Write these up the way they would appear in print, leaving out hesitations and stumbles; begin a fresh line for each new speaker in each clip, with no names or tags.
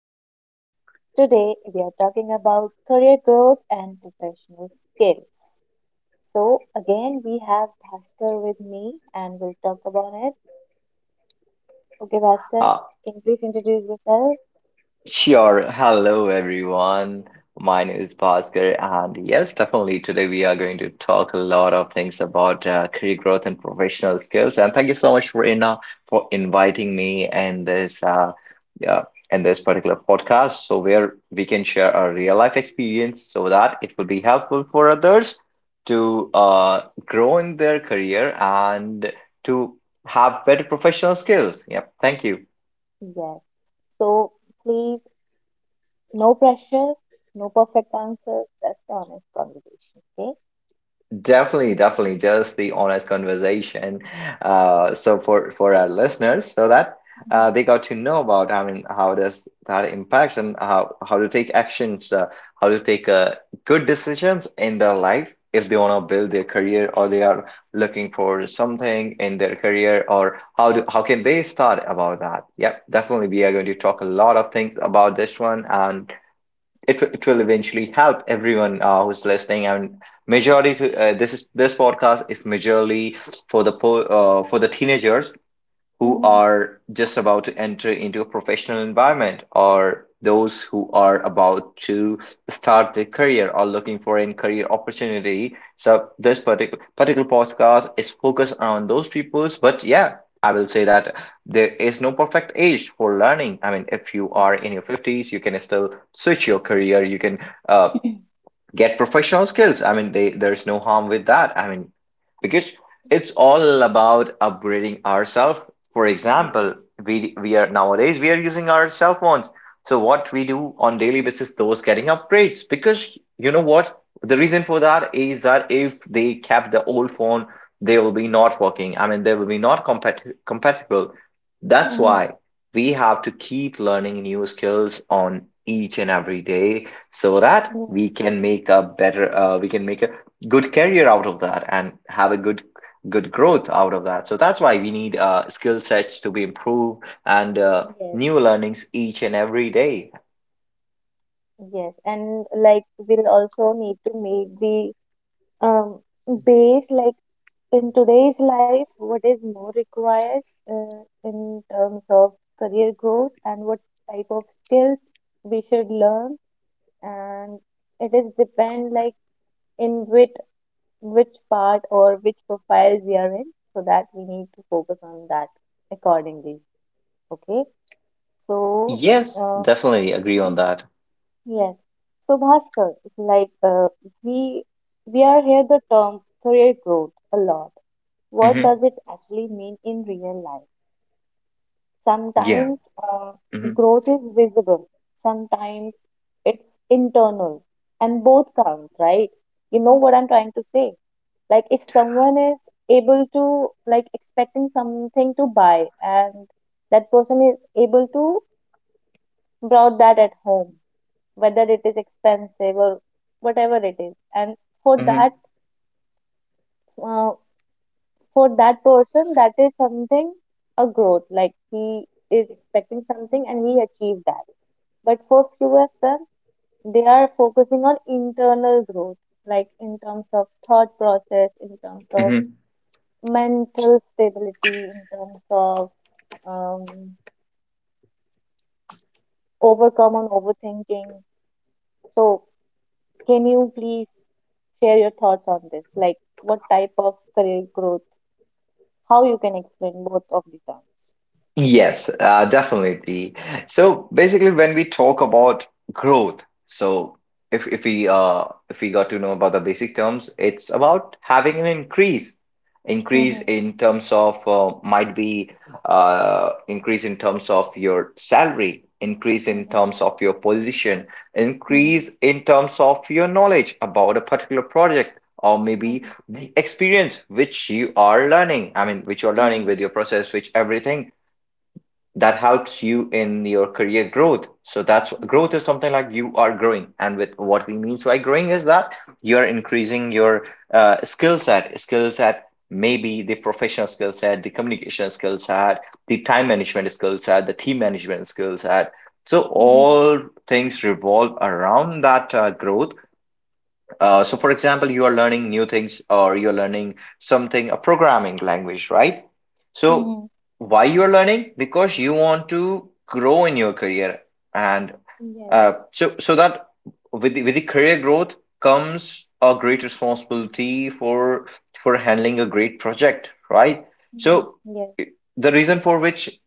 and today we are talking about career growth and professional skills. So, again, we have Bhaskar with me, and we'll talk about it. Okay, Bhaskar,
Uh,
can you please introduce yourself?
sure. Hello, everyone. My name is Bhaskar, and yes, definitely today we are going to talk a lot of things about career growth and professional skills. And thank you so much for for inviting me uh, in this particular podcast, so where we can share our real life experience, so that it will be helpful for others to grow in their career and to have better professional skills. Yep. Thank you.
Yes. So, please, no pressure, no perfect answer, just honest conversation. Okay.
Definitely, definitely, just the honest conversation. So for our listeners, so that
Mhm.
they got to know about, I mean, how does that impact and how to take actions, how to take good decisions in their life if they want to build their career or they are looking for something in their career or how can they start about that? Yep, definitely, we are going to talk a lot of things about this one and it will eventually help everyone who's listening and majority to this is this podcast is majorly for the po for the teenagers
Yeah.
who
Mhm.
are just about to enter into a professional environment or those who are about to start their career or looking for a career opportunity. So this particular podcast is focused on those peoples. But yeah, I will say that there is no perfect age for learning. I mean, if you are
Yeah.
in your 50s, you can still switch your career. You can uh, get professional skills. I mean, there's no harm with that. I mean, because it's all about upgrading ourselves. For
Mm-hmm.
example, we are nowadays we are using our cell phones. So what we do on daily basis, those getting upgrades. Because you know what, the reason for that is that if they kept the old phone, they will be not working. I mean, they will be not compatible.
Yeah.
That's
Mhm.
why we have to keep learning new skills on each and every day so that
Yeah.
we can make a better we can make a good career out of that and have a good growth out of that. So that's why we need skill sets to be improved, and
Yes.
new learnings each and every day.
Yes, and like we'll also need to make the um base, like in today's life, what is more required uh, in terms of career growth, and what type of skills we should learn, and it is depend, like in which part or which profile we are in, so that we need to focus on that accordingly. Okay, so.
Yes,
uh,
definitely agree on that.
Yes. So, Bhaskar, it's like we we are here the term career growth a lot. What
Hmm.
does it actually mean in real life?
Yeah.
Sometimes
Hmm.
growth is visible, sometimes it's internal, and both count, right? You know what I'm trying to say? Like if someone is able to, like, expecting something to buy, and that person is able to brought that at home, whether it is expensive or whatever it is, and for
Hmm.
that uh, for that person that is something a growth, like he is expecting something and he achieved that. But for few of them, they are focusing on internal growth, like in terms of thought process, in terms of
Hmm.
mental stability, in terms of um, overcome on overthinking. So can you please share your thoughts on this, like what type of career growth? How you can explain both of the terms?
Yes, definitely. So basically, when we talk about growth, so if we if we got to know about the basic terms, it's about having an increase, increase
Mhm,
in terms of might be increase in terms of your salary, increase in
mhm,
terms of your position,
mhm,
increase in terms of your knowledge about a particular project. Or maybe
mhm,
the experience which you are learning, I mean, which you are learning
mhm,
with your process, which everything that helps you in your career growth. So that's growth
mhm,
is something like you are growing. And with what we mean by growing is that you're increasing your skill set, maybe the professional skill set, the communication skill set, the time management skill set, the team management skill set. So
mhm,
all things revolve around that growth. So, for example, you are learning new things or you're learning something, a programming language, right? So,
mhm.
why you're learning? Because you want to grow in your career. And
Yes.
so that with the career growth comes a great responsibility for handling a great project, right?
Mhm.
So,
Yes.
the reason for which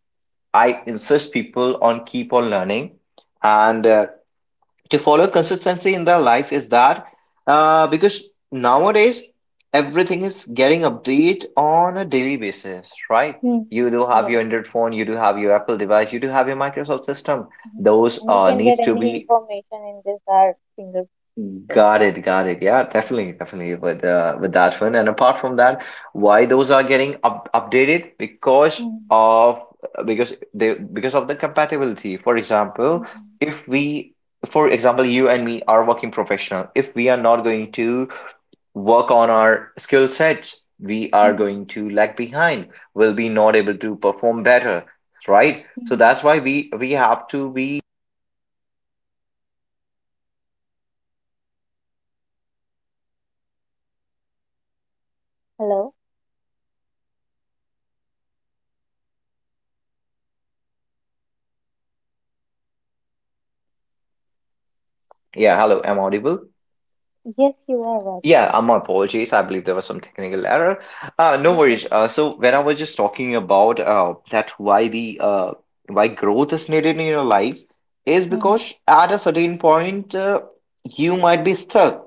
I insist people on keep on learning and to follow consistency in their life is that because nowadays everything is getting updated on a daily basis, right?
Hmm.
You do have your
Yes.
Android phone, you do have your Apple device, you do have your Microsoft system.
Mhm.
Those
And we can get
needs to
any
be.
information in just our fingertips.
Got it, got it. Yeah,
Mhm,
definitely, definitely with that one. And apart from that, why those are getting up updated? Because
mhm,
of because of the compatibility. For example,
mhm,
if we, for example, you and me are working professional. If we are not going to work on our skill sets, we are
mhm,
going to lag behind. We'll be not able to perform better, right? So
mhm.
that's why we have to be.
Hello?
Yeah, hello, am I audible?
Yes, you are,
Yeah,
Roscoe.
my apologies. I believe there was some technical error. No
No
worries.
problem.
So when I was just talking about that why the why growth is needed in your life is
Mhm,
because at a certain point you might be stuck,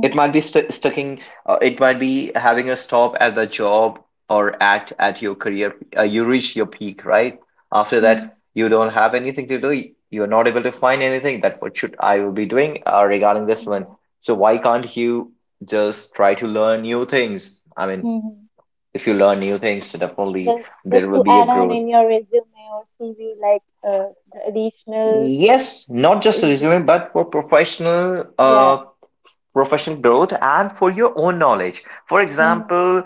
it might be st sticking, it might be having a stop at the job or at your career. You reach your peak, right? After
mhm,
that, you don't have anything to do. You're not able to find anything that what should I will be doing regarding this one.
mhm,
So why can't you just try to learn new things? I mean,
mhm.
if you learn new things, so definitely
Just, just
there will
to
be a
add on
growth.
in your resume or CV, like the additional.
Yes, not just
Yeah.
resume, but for professional
Yeah.
professional growth and for your own knowledge. For
Mhm.
example,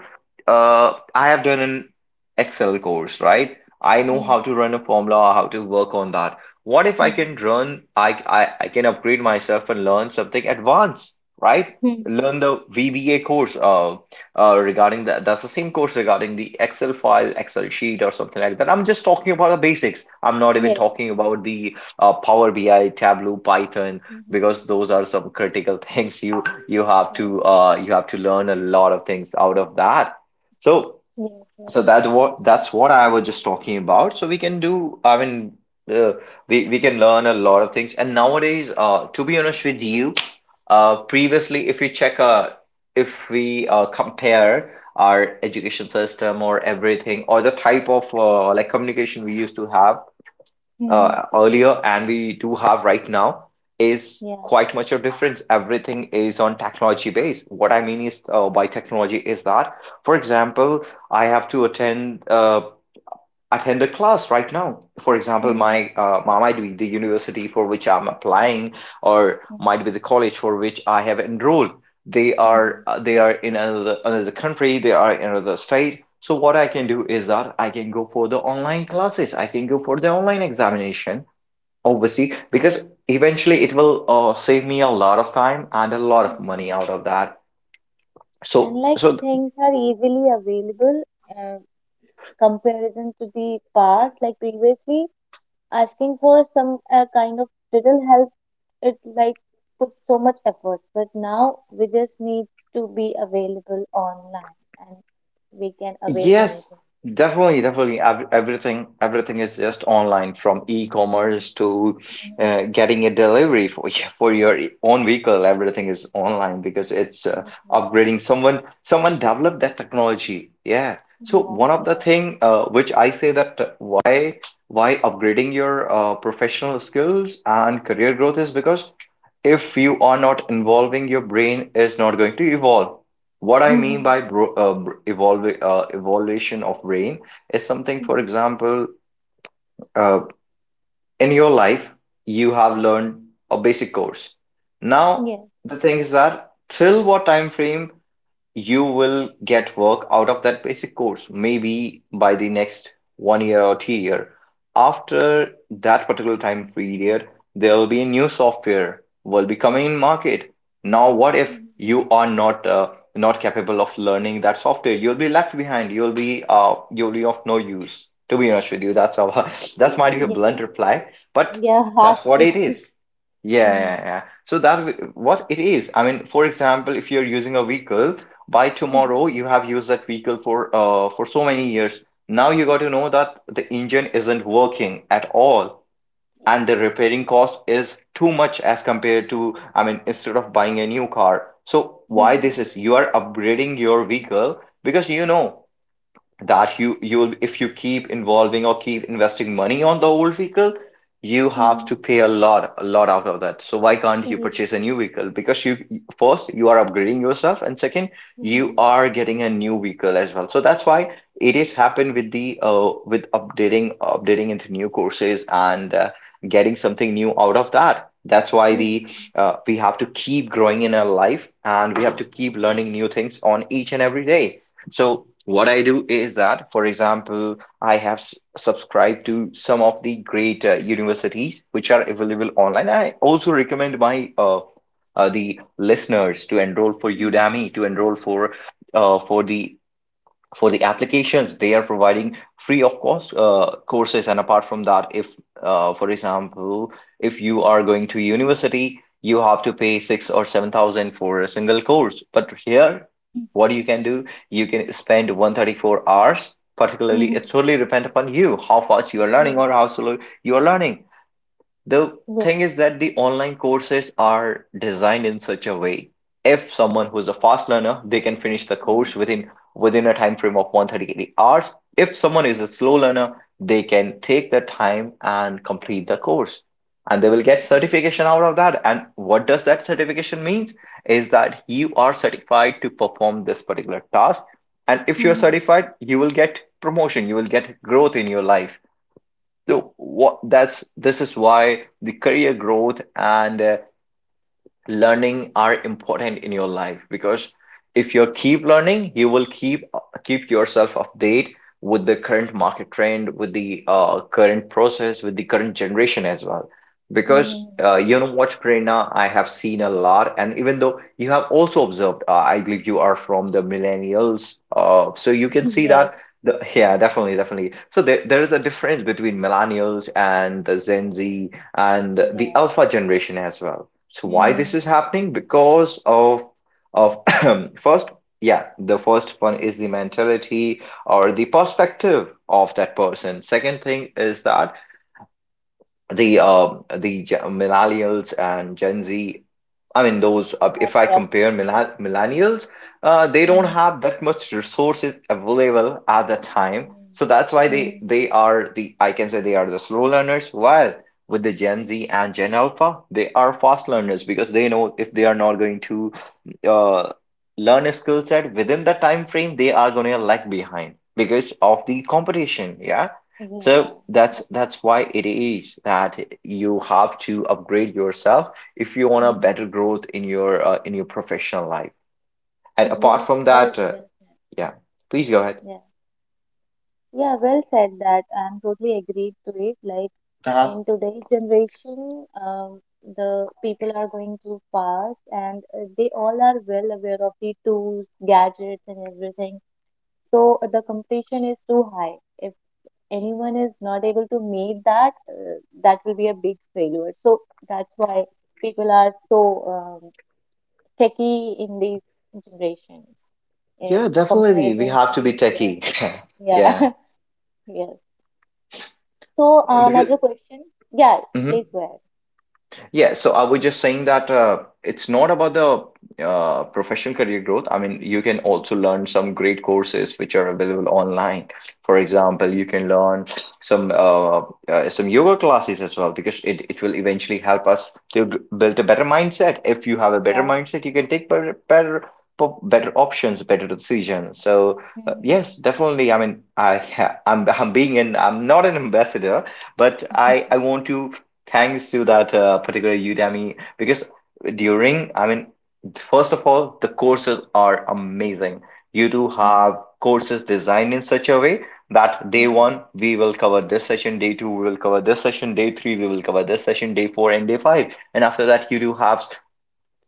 I have done an Excel course, right? I know
Mhm.
how to run a formula, how to work on that. What if I can
Mhm.
run, I can upgrade myself and learn something advanced, right?
Mhm.
Learn the VBA course regarding that. That's the same course regarding the Excel file, Excel sheet, or something like that. I'm just talking about the basics. I'm not even
Yes.
talking about the Power BI, Tableau, Python,
Mhm.
because those are some critical things
Yeah.
you have to learn a lot of things out of that. So
Yes. Yes.
that's what I was just talking about. So we can do, I mean, uh, we can learn a lot of things. And nowadays, to be honest with you, previously if we check, if we compare our education system or everything or the type of like communication we used to have
Mhm.
earlier and we do have right now, is
Yeah.
quite much a difference. Everything
Yeah.
is on technology base. What I mean is, by technology is that, for example, I have to attend attend a class right now. For example,
Mhm.
my might be the university for which I'm applying, or
Mhm.
might be the college for which I have enrolled.
Mhm.
They are in another country. They are in another state. So what I can do is that I can go for the online classes. I can go for the online examination. Obviously, because eventually it will save me a lot of time and a lot of money
Mhm.
out of that.
And
So,
like
so
things are easily available uh, comparison to the past. Like previously, asking for some kind of little help, it like put so much efforts. But now we just need to be available online, and we can avail
yes,
anything.
definitely, definitely, everything, everything is just online, from e-commerce to
Mhm.
getting a delivery for for your own vehicle. Everything is online because it's
Yeah.
upgrading. Someone developed that technology. Yeah. So
Yeah,
one of the
yeah.
thing which I say that why upgrading your professional skills and career growth is because if you are not involving, your brain is not going to evolve. What I
Mm-hmm.
mean by evolve, evolution of brain is something. For
Mm-hmm.
example, uh, in your life you have learned a basic course. Now
Yeah.
the thing is that till what time frame you will get work out of that basic course? Maybe by the next 1 year or 2 year. After that particular time period, there will be a new software will be coming in market. Now what if
Mm-hmm.
you are not not capable of learning that software? You'll be left behind. You'll be you'll be of no use, to be honest with you. That's how that's might be a
Yeah.
blunt reply, but
Yeah, harsh
that's what it
truth.
is. Yeah, yeah,
Mm-hmm.
yeah. So that what it is. I mean, for example, if you're using a vehicle, by
Mm-hmm.
tomorrow you have used that vehicle for so many years. Now you got to know that the engine isn't working at all, and the repairing cost is too much as compared to, I mean, instead of buying a new car. So why this is? You are upgrading your vehicle because you know that you'll if you keep involving or keep investing money on the old vehicle you have
Mm-hmm.
to pay a lot out of that. So why can't
Yeah.
you purchase a new vehicle? Because you, first, you are upgrading yourself, and second, you
Mm-hmm.
are getting a new vehicle as well. So that's why it is happened with the with updating into new courses and getting something new out of that. That's why the
Mm-hmm.
we have to keep growing in our life, and we have to keep learning new things on each and every day. So what I do is that, for example, I have subscribed to some of the great universities which are available online. I also recommend my the listeners to enroll for
Mm-hmm.
Udemy, to enroll for uh, for the for the applications. They are providing free of cost courses. And apart from that, if for example, if you are going to university, you have to pay six or seven thousand for a single course. But here, what you can do, you can spend 134 hours particularly. It totally depends upon you, how fast you are learning or
Yeah.
how slow you are learning. The
Yeah.
thing is that the online courses are designed in such a way, if someone who's a fast learner, they can finish the
Mm-hmm.
course within a time frame of 138 hours. If someone is a slow learner, they can take the time and complete the course. And they will get certification out of that. And what does that certification means is that you are certified to perform this particular task. And if
Mm-hmm. Yeah.
you're
Mm-hmm.
certified, you will get promotion, you will get growth in your life. So what that's this is why the career growth and learning are important in your life, because if you keep learning, you will keep yourself update with the current market trend, with the current process, with the current generation as well. Because
Mm-hmm.
you know what, Prerna, I have seen a lot, and even though you have also observed, I believe you are from the millennials, so you can see that
Yes.
yeah, definitely. So there is a difference between millennials and the Gen Z and the
Yeah.
alpha generation as well. So why
Mm-hmm.
this
Mm-hmm.
is happening? Because of of first, yeah, the first one is the mentality or the perspective of that person. Second thing is that the millennials and Gen Z, I mean those. Uh,
That
if I
process.
compare millen- millennials, they don't
Mm-hmm.
have that much resources available at the time,
Mm-hmm.
so that's why
Mm-hmm.
they are the, I can say they are the slow learners. While with the Gen Z and Gen Alpha, they are fast learners because they know if
Mm-hmm.
they
Yeah.
are not going to uh, learn a skill set within the time frame, they are going to lag behind because of the competition. Yeah. So
Yeah.
that's why it is that you have to upgrade yourself if you want a
Mm-hmm.
better growth in your professional life. And apart
Yes.
from
Well,
that,
well said.
yeah, please go ahead.
Yeah. Yeah, well said that. I'm totally agreed to it. Like
Uh-huh.
in today's generation, the people are going too fast, and they all are well aware of the tools, gadgets, and everything. So the competition is too high. If anyone is not able to meet that, that will be a big failure. So that's why people are so techy in these generations in
Yeah, definitely, we
comparison to
have to be
the, yeah,
techie.
yeah,
Yeah,
yes. So
because.
another question. Yeah, please
Mhm.
go ahead.
Yeah, so I was just saying that it's not about the professional career growth. I mean, you can
Mhm.
also learn some great courses which are available online. For example, you can learn some uh, some yoga classes as well because it will eventually help us to build a better mindset. If you have a better
Yeah.
mindset, you can take better options, better decisions. So yes,
Mhm.
definitely. I mean, I I'm not an ambassador, but
Mhm.
I want to thanks to that particular Udemy because during, I mean, first of all, the courses are amazing. You do have
Mhm.
courses designed in such a way that day one we will cover this session, day two we will cover this session, day three we will cover this session, day four and day five, and after that you do have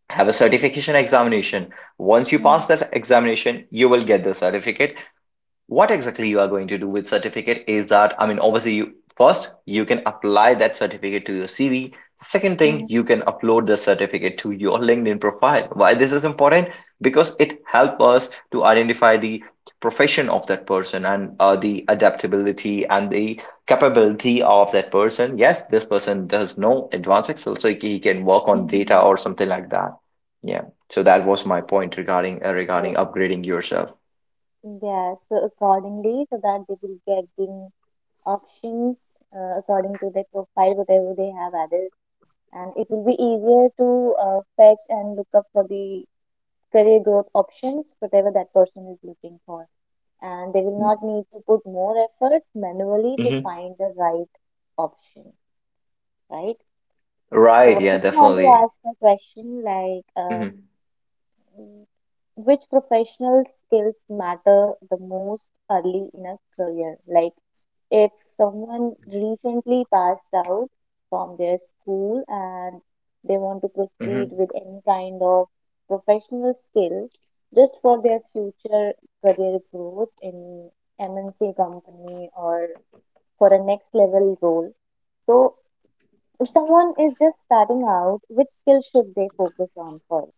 have a certification examination. Once you pass
Mhm.
that examination, you will get the certificate. What exactly you are going to do with certificate is that, I mean, obviously you, first, you can apply that certificate to your CV. Second thing,
Mhm.
you can upload the certificate to your LinkedIn profile. Why this is important? Because it helps us to identify the profession of that person and the adaptability and the capability of that person. Yes, this person does know advanced Excel, so he can work on data
Mhm.
or something like that. Yeah. So that was my point regarding regarding
So
upgrading yourself.
yeah, so accordingly, so that they will get the options according to their profile, whatever they have added, and it will be easier to fetch and look up for the career growth options, whatever that person is looking for, and they will not need to put more efforts manually to
Mhm.
find the right option, right?
Right,
So I
yeah,
just want to
definitely.
ask a question, like
Hmm.
mm, which professional skills matter the most early in a career? Like if someone recently passed out from their school and they want to proceed
Hmm.
with any kind of professional skill just for their future career growth in MNC company or for a next level role. So if someone is just starting out, which skill should they focus on first?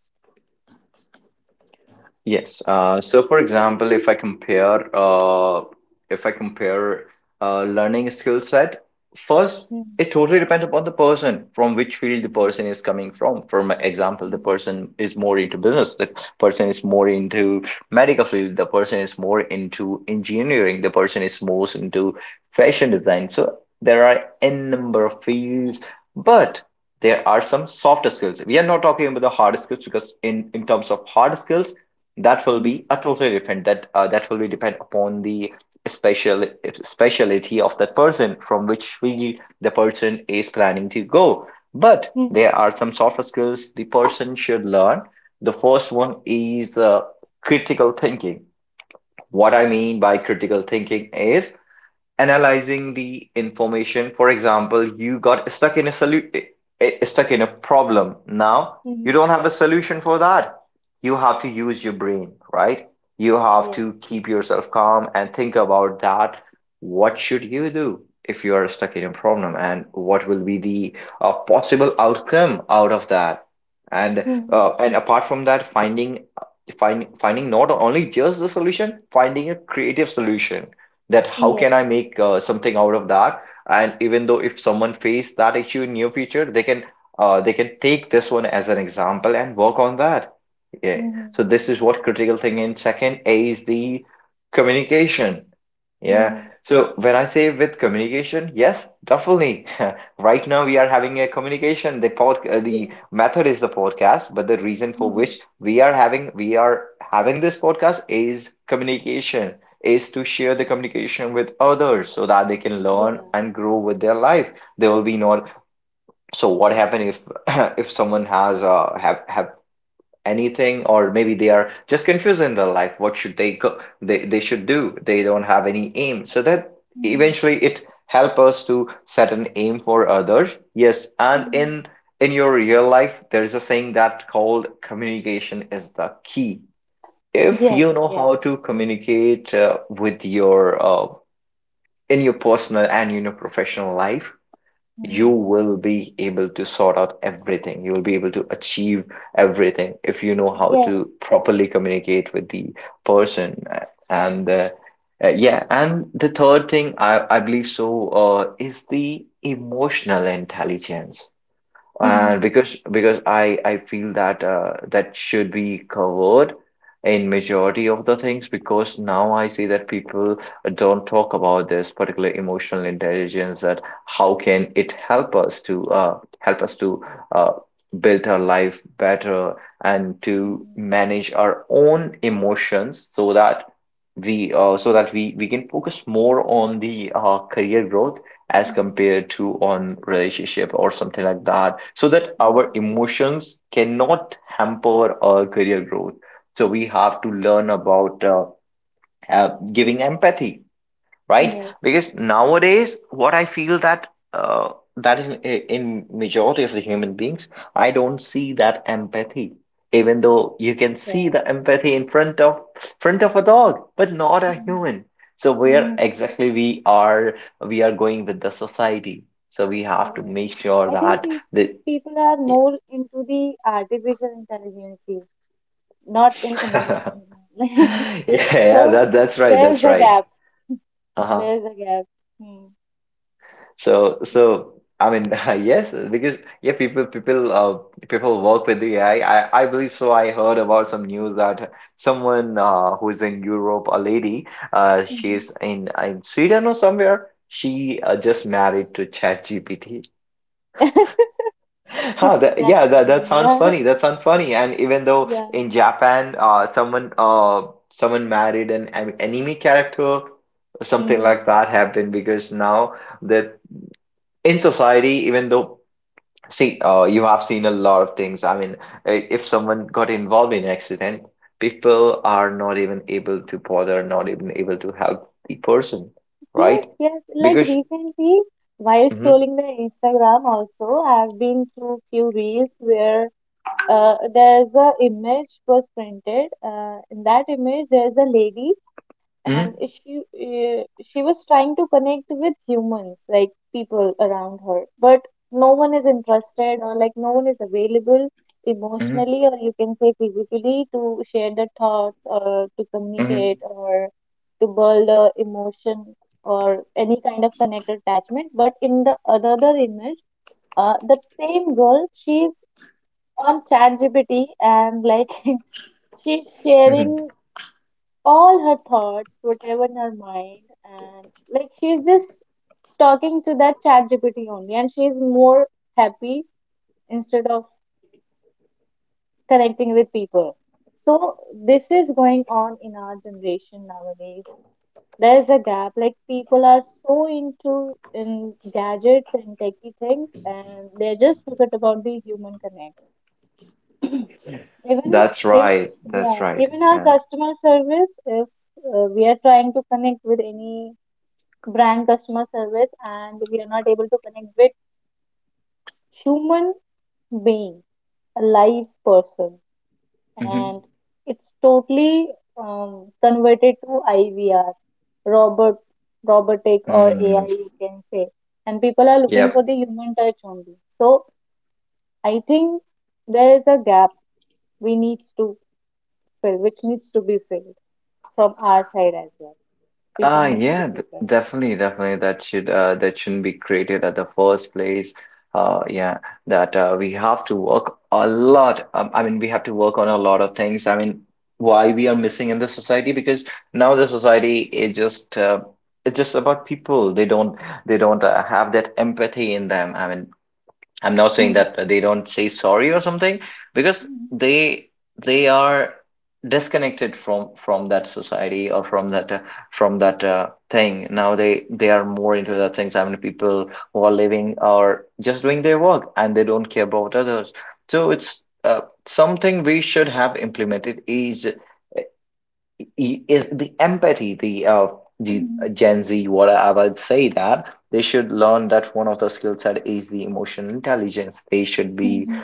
Yes. So, for example, if I compare learning skill set, first,
Mhm,
it totally depends upon the person from which field the
mhm,
person is coming from. For my example, the person is more into business, the person is more into medical field, the person is more into engineering, the person is most into fashion design. So there are n number of fields, but there are some softer skills. We are not talking about the hard skills, because in terms of hard skills, that will be a totally different, that that will be depend upon the special speciality of that person, from which field the person is planning to go. But there
mhm,
are some soft skills the person should learn. The first one is critical thinking. What I mean by critical thinking is analyzing the information. For example, you got stuck in a stuck in a problem. Now you
mhm,
don't have a solution for that. You have to use your brain, right? You have to keep yourself calm and think about that. What should you do if you are stuck in a problem, and what will be the possible outcome out of that? And and apart from that, finding not only just the solution, finding a creative solution, that how can I make something out of that? And even though if someone face that issue in near future, they can take this one as an example and work on that. Yeah.
mhm,
So this is what critical thinking. Second A is the communication. Yeah.
mhm.
So when I say with communication, yes, definitely. Right now we are having a communication. The
Yeah.
method is the podcast, but the reason for
Mhm.
which we are having this podcast is communication, is to share the communication with others so that they can learn
Yeah.
and grow with their life. There will be not. So what happen if if someone has have anything, or maybe they are just confused in their life, what should they go, they should do, they don't have any aim, so that
Mhm,
eventually it help us to set an aim for others. Yes. And
mhm.
in your real life, there's a saying that called communication is the key.
Yes. Mhm.
If
Yeah. Mhm, mhm. Yes.
you know
Yes.
how to communicate with your in your personal and in your professional life, you
Mhm.
will be able to sort out everything. You will be able to achieve everything if you know how
Yes.
to
Yes.
properly communicate with the person. And Yeah, and the third thing, I believe so, is the emotional intelligence. And
Mhm,
because I feel that that should be covered in majority of the things, because now I see that people don't talk about this particular emotional intelligence, that how can it help us to uh, build our life better and to
mhm,
manage our own emotions, so that we so that we can focus more on the career growth as
mhm,
compared to on relationship or something like that, so that our
mhm.
emotions cannot hamper our career growth. So we have to learn about giving empathy, right?
Yes.
Because nowadays, what I feel, that that in majority of the human beings, I don't see that empathy. Even though you can see
Yes.
the empathy in front of a dog, but not a
Mhm.
human. So where
Mhm.
exactly we are going with the society. So we have to
Yeah.
make sure
I think
that the
people are more into the artificial intelligence, not in
yeah,
emotion.
yeah,
So
that's
there's a
right.
gap.
Uh-huh.
There's a gap. Hmm.
So I mean, yes, because yeah, people work with the AI. I believe so. I heard about some news that someone who is in Europe, a lady,
Yeah.
she's in Sweden or somewhere. She just married to ChatGPT.
Mhm.
Huh,
That's
yeah, that
funny.
sounds
Yeah.
funny. That sounds funny. And even though
Yeah.
in Japan, someone married an anime character, something like
Hmm.
that happened, because now that in society, even though, see, you have seen a lot of things. I mean, if someone got involved in an accident, people are not even able to bother, not even able to help the person,
Yes,
right?
yes. Like
Because,
recently, while
hmm.
scrolling the Instagram, also I've been through few reels where there's a image was printed. In that image, there's a lady,
Hmm.
and she was trying to connect with humans, like people around her, but no one is interested, or like no one is available emotionally,
Hmm.
or you can say physically, to share the thoughts or to
Hmm.
communicate or to build a emotion or any kind of connect attachment. But in the another image, the same girl, she's on ChatGPT, and like she's
Hmm.
sharing all her thoughts, whatever in her mind, and like she's just talking to that chat GPT only, and she's more happy instead of connecting with people. So this is going on in our generation nowadays. There is a gap. Like people are so into in gadgets and techy things, and they just forget about the human connect. even
That's
even
right. That's
yeah,
right.
even our customer service. If we are trying to connect with any brand customer service, and we are not able to connect with human being, a live person,
Hmm.
and it's totally converted to IVR, robot, robotic, or AI,
Mm.
you can say. And people are looking for
Yep.
the human touch only. So I think there is a gap we needs to fill which needs to be filled from our side as well. People needs to
Yeah,
be
d
prepared.
definitely, definitely. That should that shouldn't be created at the first place. Yeah, that we have to work a lot. I mean, we have to work on a lot of things. I mean, why we are missing in the society? Because now the society is just it's just about people. They don't have that empathy in them. I mean, I'm not saying
Hmm.
that they don't say sorry or something because
Hmm.
they are disconnected from that society or from that thing. Now they are more into the things. I mean, people who are living are just doing their work and they don't care about others. So it's something we should have implemented is is the empathy, the
Hmm.
Gen Z. What I would say, that they should learn, that one of the skill set is the emotional intelligence. They should
Hmm.
be
Hmm.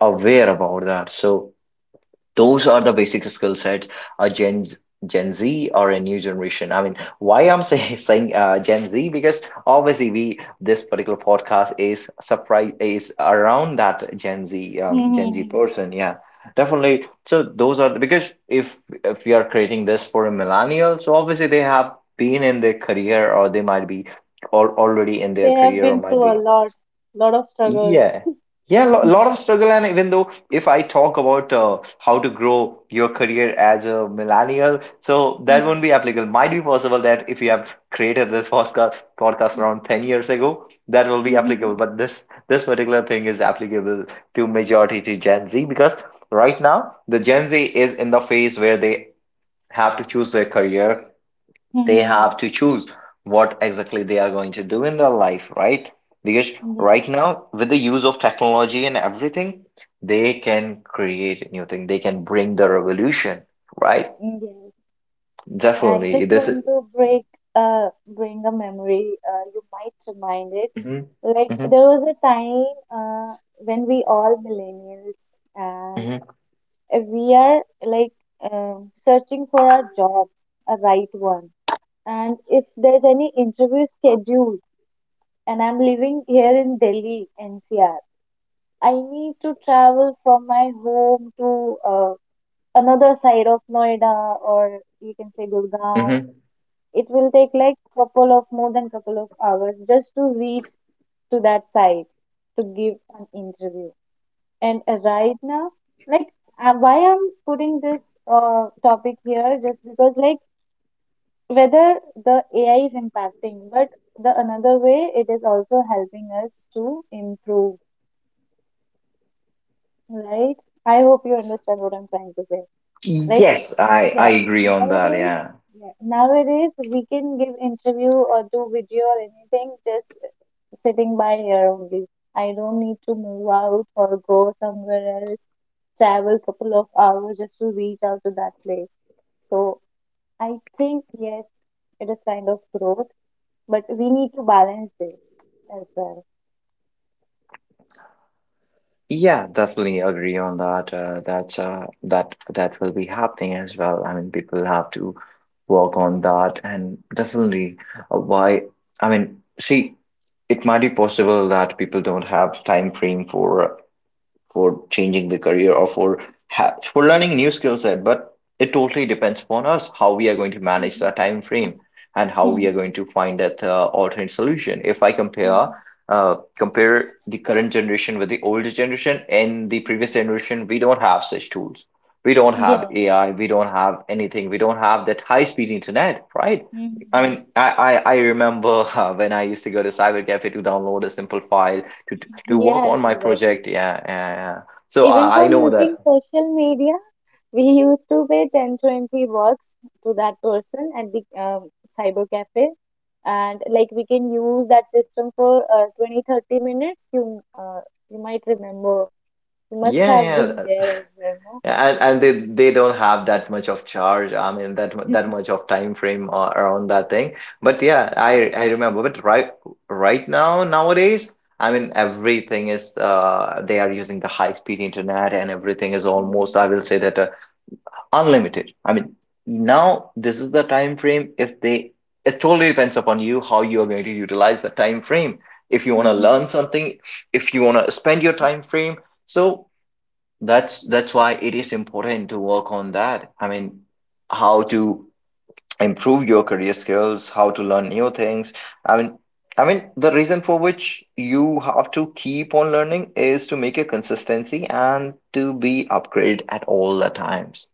aware about that. So those are the basic skill sets a Gen Z or a new generation. I mean, why I'm saying Gen Z, because obviously we this particular podcast is surprise, is around that gen z
Hmm.
um,
Hmm.
gen z
Hmm.
person. Yeah, definitely. So those are because if we are creating this for a millennial, so obviously they have been in their career, or they might be already in
They
their
have
career, or
been
might
through a
be.
lot, lot of struggle.
Yeah. Yeah, a lot of struggle. And even though if I talk about how to grow your career as a millennial, so
Hmm,
that won't be applicable. Might be possible that if you have created this podcast around 10 years ago, that will be
hmm,
applicable. But this particular thing is applicable to majority to Gen Z, because right now the Gen Z is in the phase where they have to choose their career.
hmm,
They have
hmm.
to choose what exactly they are going to do in their life, right? Because right
Yes.
now, with the use of technology and everything, they can create new thing. They can bring the revolution, right?
Yes. I
Definitely,
just
this is.
want to break bring a memory. You might remind it.
Hmm
Like
hmm
there was a time when we all millennials and
hmm
we are like searching for our job, a right one. And if there's any interview scheduled, and I'm living here in Delhi, NCR, I need to travel from my home to another side of Noida, or you can say Gurgaon.
hmm
It will take like couple of, more than couple of hours, just to reach to that site to give an interview. And right now, like why I'm putting this topic here, just because, like, whether the AI is impacting, but the another way it is also helping us to improve, right? I hope you understand what I'm trying to say. Like,
Yes, I
yeah,
agree on that.
nowadays,
Yeah,
yeah, nowadays we can give interview or do video or anything just sitting by here only. I don't need to move out or go somewhere else, travel couple of hours just to reach out to that place. So I think yes, it is kind of growth, but we need to balance this as well.
yeah, definitely agree on that. That's, that will be happening as well. I mean, people have to work on that, and definitely why. I mean, see. It might be possible that people don't have time frame for changing the career, or ha for learning new skill set. But it totally depends upon us how we are going to manage
Mhm.
that time frame and how we are going
Mhm.
to find that alternate solution. If I compare
Mhm.
uh, compare the current generation with the older generation and the previous
Mhm.
generation, we don't have such tools. We don't have
Yes.
AI. We don't have anything. We don't have that high speed internet, right? I
Mhm.
mean, I remember when I used to go to Cyber Cafe to download a simple file to work
Yes,
on my
exactly.
project. Yeah, yeah, yeah. So
Even
I
for
know
using
that.
social media, we used to pay 10-20 bucks to that person at the cyber cafe. And like we can use that system for 20-30 minutes. You might remember, you must
Yeah,
have
yeah,
been there as well.
yeah, and they don't have that much of charge. I mean, that mu-
No?
that much of time frame around that thing. But yeah, I
Yeah.
I remember. But right now nowadays, I mean, everything is they are using the high speed internet and everything is almost,
Hmm,
I will say that, unlimited. I mean, now this is the time frame. If they it totally depends upon you how you are going to utilize the time frame. If you want to
hmm.
learn something, if you want to spend your time frame, so that's why it is important to work on that. I mean, how to improve your career skills, how to learn new things. I mean i mean, the reason for which you have to keep on learning is to make a consistency and to be upgraded at all the times.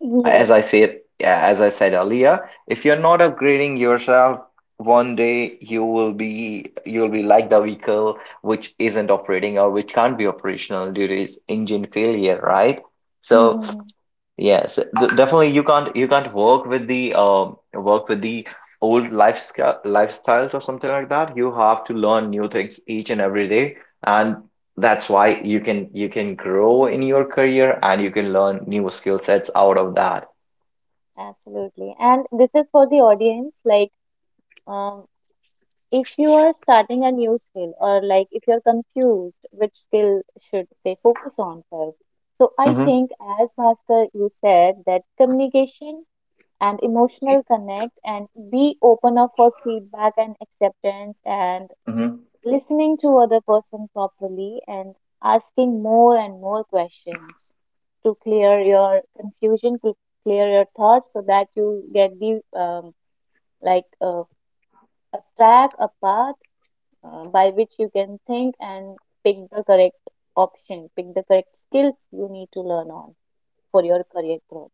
Yes.
As I said earlier, if you're not upgrading yourself, one day you'll be like the vehicle which isn't operating or which can't be operational due to its engine failure, right?
Hmm,
So
hmm.
yes, definitely you can't work with the old lifestyles or something like that. You have to learn new things each and every day, and that's why you can grow in your career and you can learn new skill sets out of that.
Absolutely. And this is for the audience. Like, uh, if you are starting a new skill, or like if you're confused which skill should they focus on first. So I
Mm-hmm.
think, as master you said, that communication and emotional connect, and be open up for feedback and acceptance, and
Mm-hmm.
listening to other person properly, and asking more and more questions to clear your confusion, to clear your thoughts, so that you get the like uh, a track a path by which you can think and pick the correct option, pick the correct skills you need to learn on for your career growth.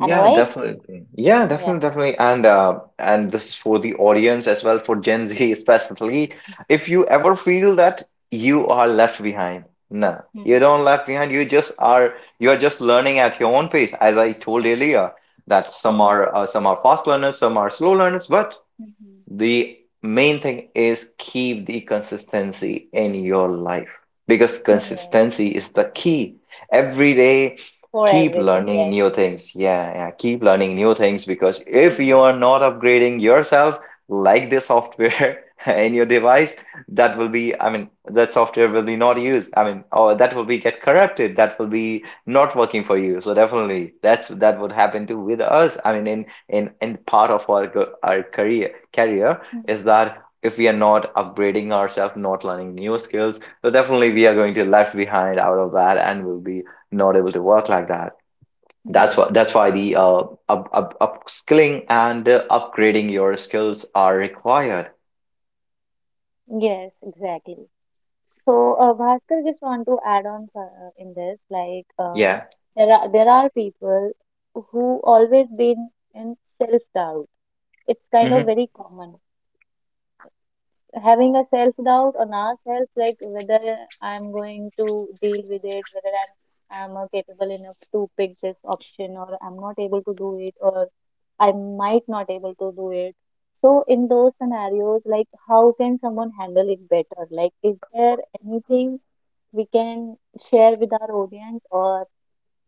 Am I right?
definitely. Yeah,
Yeah.
definitely, definitely. And this is for the audience as well, for Gen Z specifically. If you ever feel that you are left behind, no, you
Mm-hmm.
don't left behind. You just are. You are just learning at your own pace, as I told earlier. That some
Mm-hmm.
are uh, some are fast learners, some are slow learners, but
Mm-hmm.
the main thing is keep the consistency in your life, because
Mm, yes.
consistency is the key. Every day,
For
keep
everything.
learning
Yes.
new things. Yeah, yeah, keep learning new things, because if you
Mm-hmm.
are not upgrading yourself like the software in your device, that will be, I mean, that software will be not used. I mean, or that will be get corrupted. That will be not working for you. So definitely that would happen too with us. I mean, in in part of our our career is that, if we are not upgrading ourselves, not learning new skills, so definitely we are going to left behind out of that and will be not able to work like that. That's
Mm-hmm.
what that's why the upskilling and upgrading your skills are required.
Yes. Exactly. So, Bhaskar, just want to add on in this, like
Yeah.
there are people who always been in self doubt. It's kind of
Hmm.
very common. Having a self doubt on ourselves, like whether I'm going to deal with it, whether I'm capable enough to pick this option, or I'm not able to do it, or I might not able to do it. So in those scenarios, like how can someone handle it better? Like, is there anything we can share with our audience, or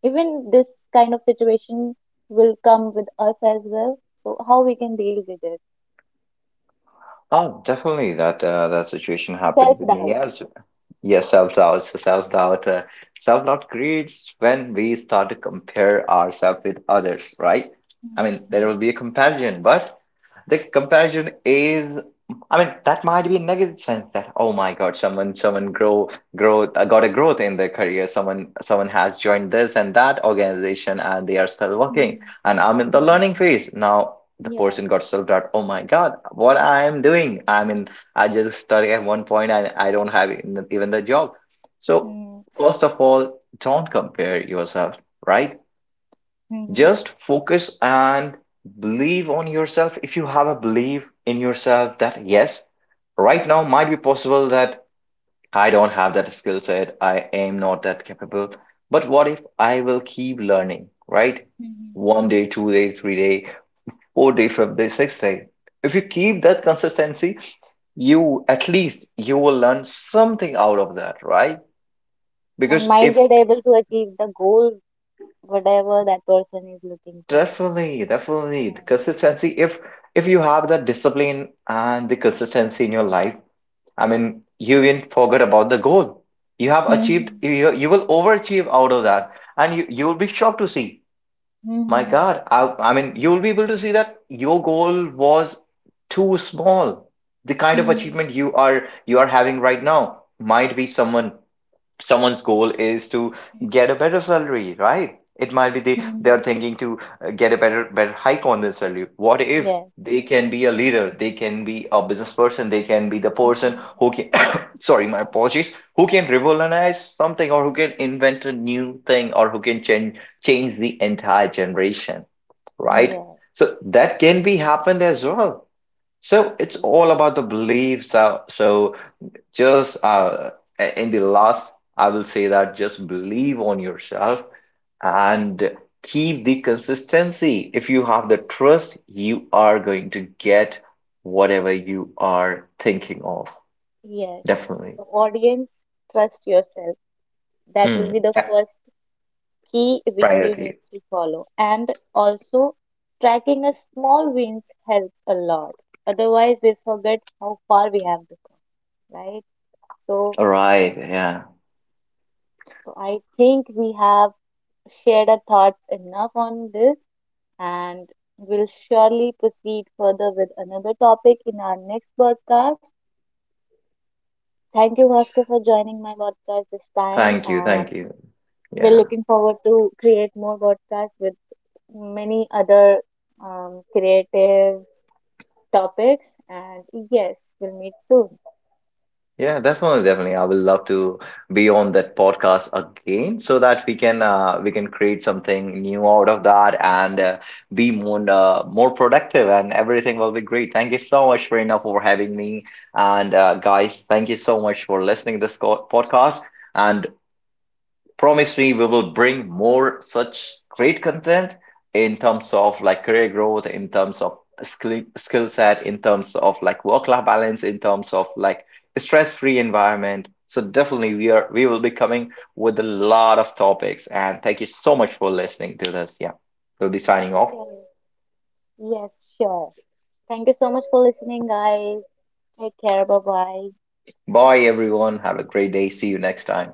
even this kind of situation will come with us as well? So how we can deal with it?
Oh, definitely that situation
Self
happened with me
doubt.
as. Yeah, self doubt. So self doubt creates when we start to compare ourselves with others, right? I mean, there
Hmm,
will be a comparison, but the comparison is, I mean, that might be a negative sense, that, oh my God, someone grow growth got a growth in their career. Someone has joined this and that organization, and they are still working,
hmm.
and I'm in the learning phase. Now the
Yeah.
person got self-doubt, oh my God, what I am doing. I mean, I just started at one point and I don't have even the job. So
Mm,
first of all, don't compare yourself, right?
mhm,
Just focus and believe on yourself. If you have a belief in yourself that, yes, right now might be possible that I don't have that skill set, I am not that capable, but what if I will keep learning, right?
mhm.
One day, 2 day, 3 day, 4 day, 5 day, 6 day. If you keep that consistency, you at least you will learn something out of that, right?
And
Because
might
if.
get able to achieve the goal, whatever that person is looking for.
Definitely,
Yeah.
definitely. The consistency, if you have that discipline and the consistency in your life, I mean, you will not forget about the goal. You have achieved,
Mhm,
you will overachieve out of that. And you will be shocked to see, my
mhm,
God, I mean, you will be able to see that your goal was too small. The kind of
mhm,
achievement you are having right now, might be someone's goal is to get a better salary, right? It might be they
mhm.
are thinking to get a better hike on their salary. What if
Yes.
they can be a leader, they can be a business person, they can be the person
Mhm.
who can sorry, my apologies, who can revolutionize something, or who can invent a new thing, or who can change the entire generation, right?
Yes.
So that can be happened as well. So it's all
Yes.
about the beliefs, so just, in the last, I will say that just believe on yourself and keep the consistency. If you have the trust, you are going to get whatever you are thinking of.
Yes.
Definitely.
So, audience, trust yourself. That will
Mm,
be the
yeah.
first key which you need
Priority.
to follow. And also, tracking a small wins helps a lot. Otherwise, we forget how far we have become, right? So,
All right. Yeah.
so I think we have shared our thoughts enough on this, and we'll surely proceed further with another topic in our next podcast. Thank you, Vasco, for joining my podcast this time,
Thank you.
and
Thank you.
we're
Yeah.
looking forward to create more podcasts with many other creative topics. And yes, we'll meet soon.
Yeah, definitely, definitely. I would love to be on that podcast again so that we can create something new out of that, and be more productive, and everything will be great. Thank you so much, Reena, for having me. And guys, thank you so much for listening to this podcast. And promise me, we will bring more such great content in terms of like career growth, in terms of skill set, in terms of like work-life balance, in terms of like stress-free environment. So definitely we will be coming with a lot of topics. And thank you so much for listening to this. Yeah. We'll be signing off.
Sure. Yes, sure. Thank you so much for listening, guys. Take care. Bye bye.
Bye everyone. Have a great day. See you next time.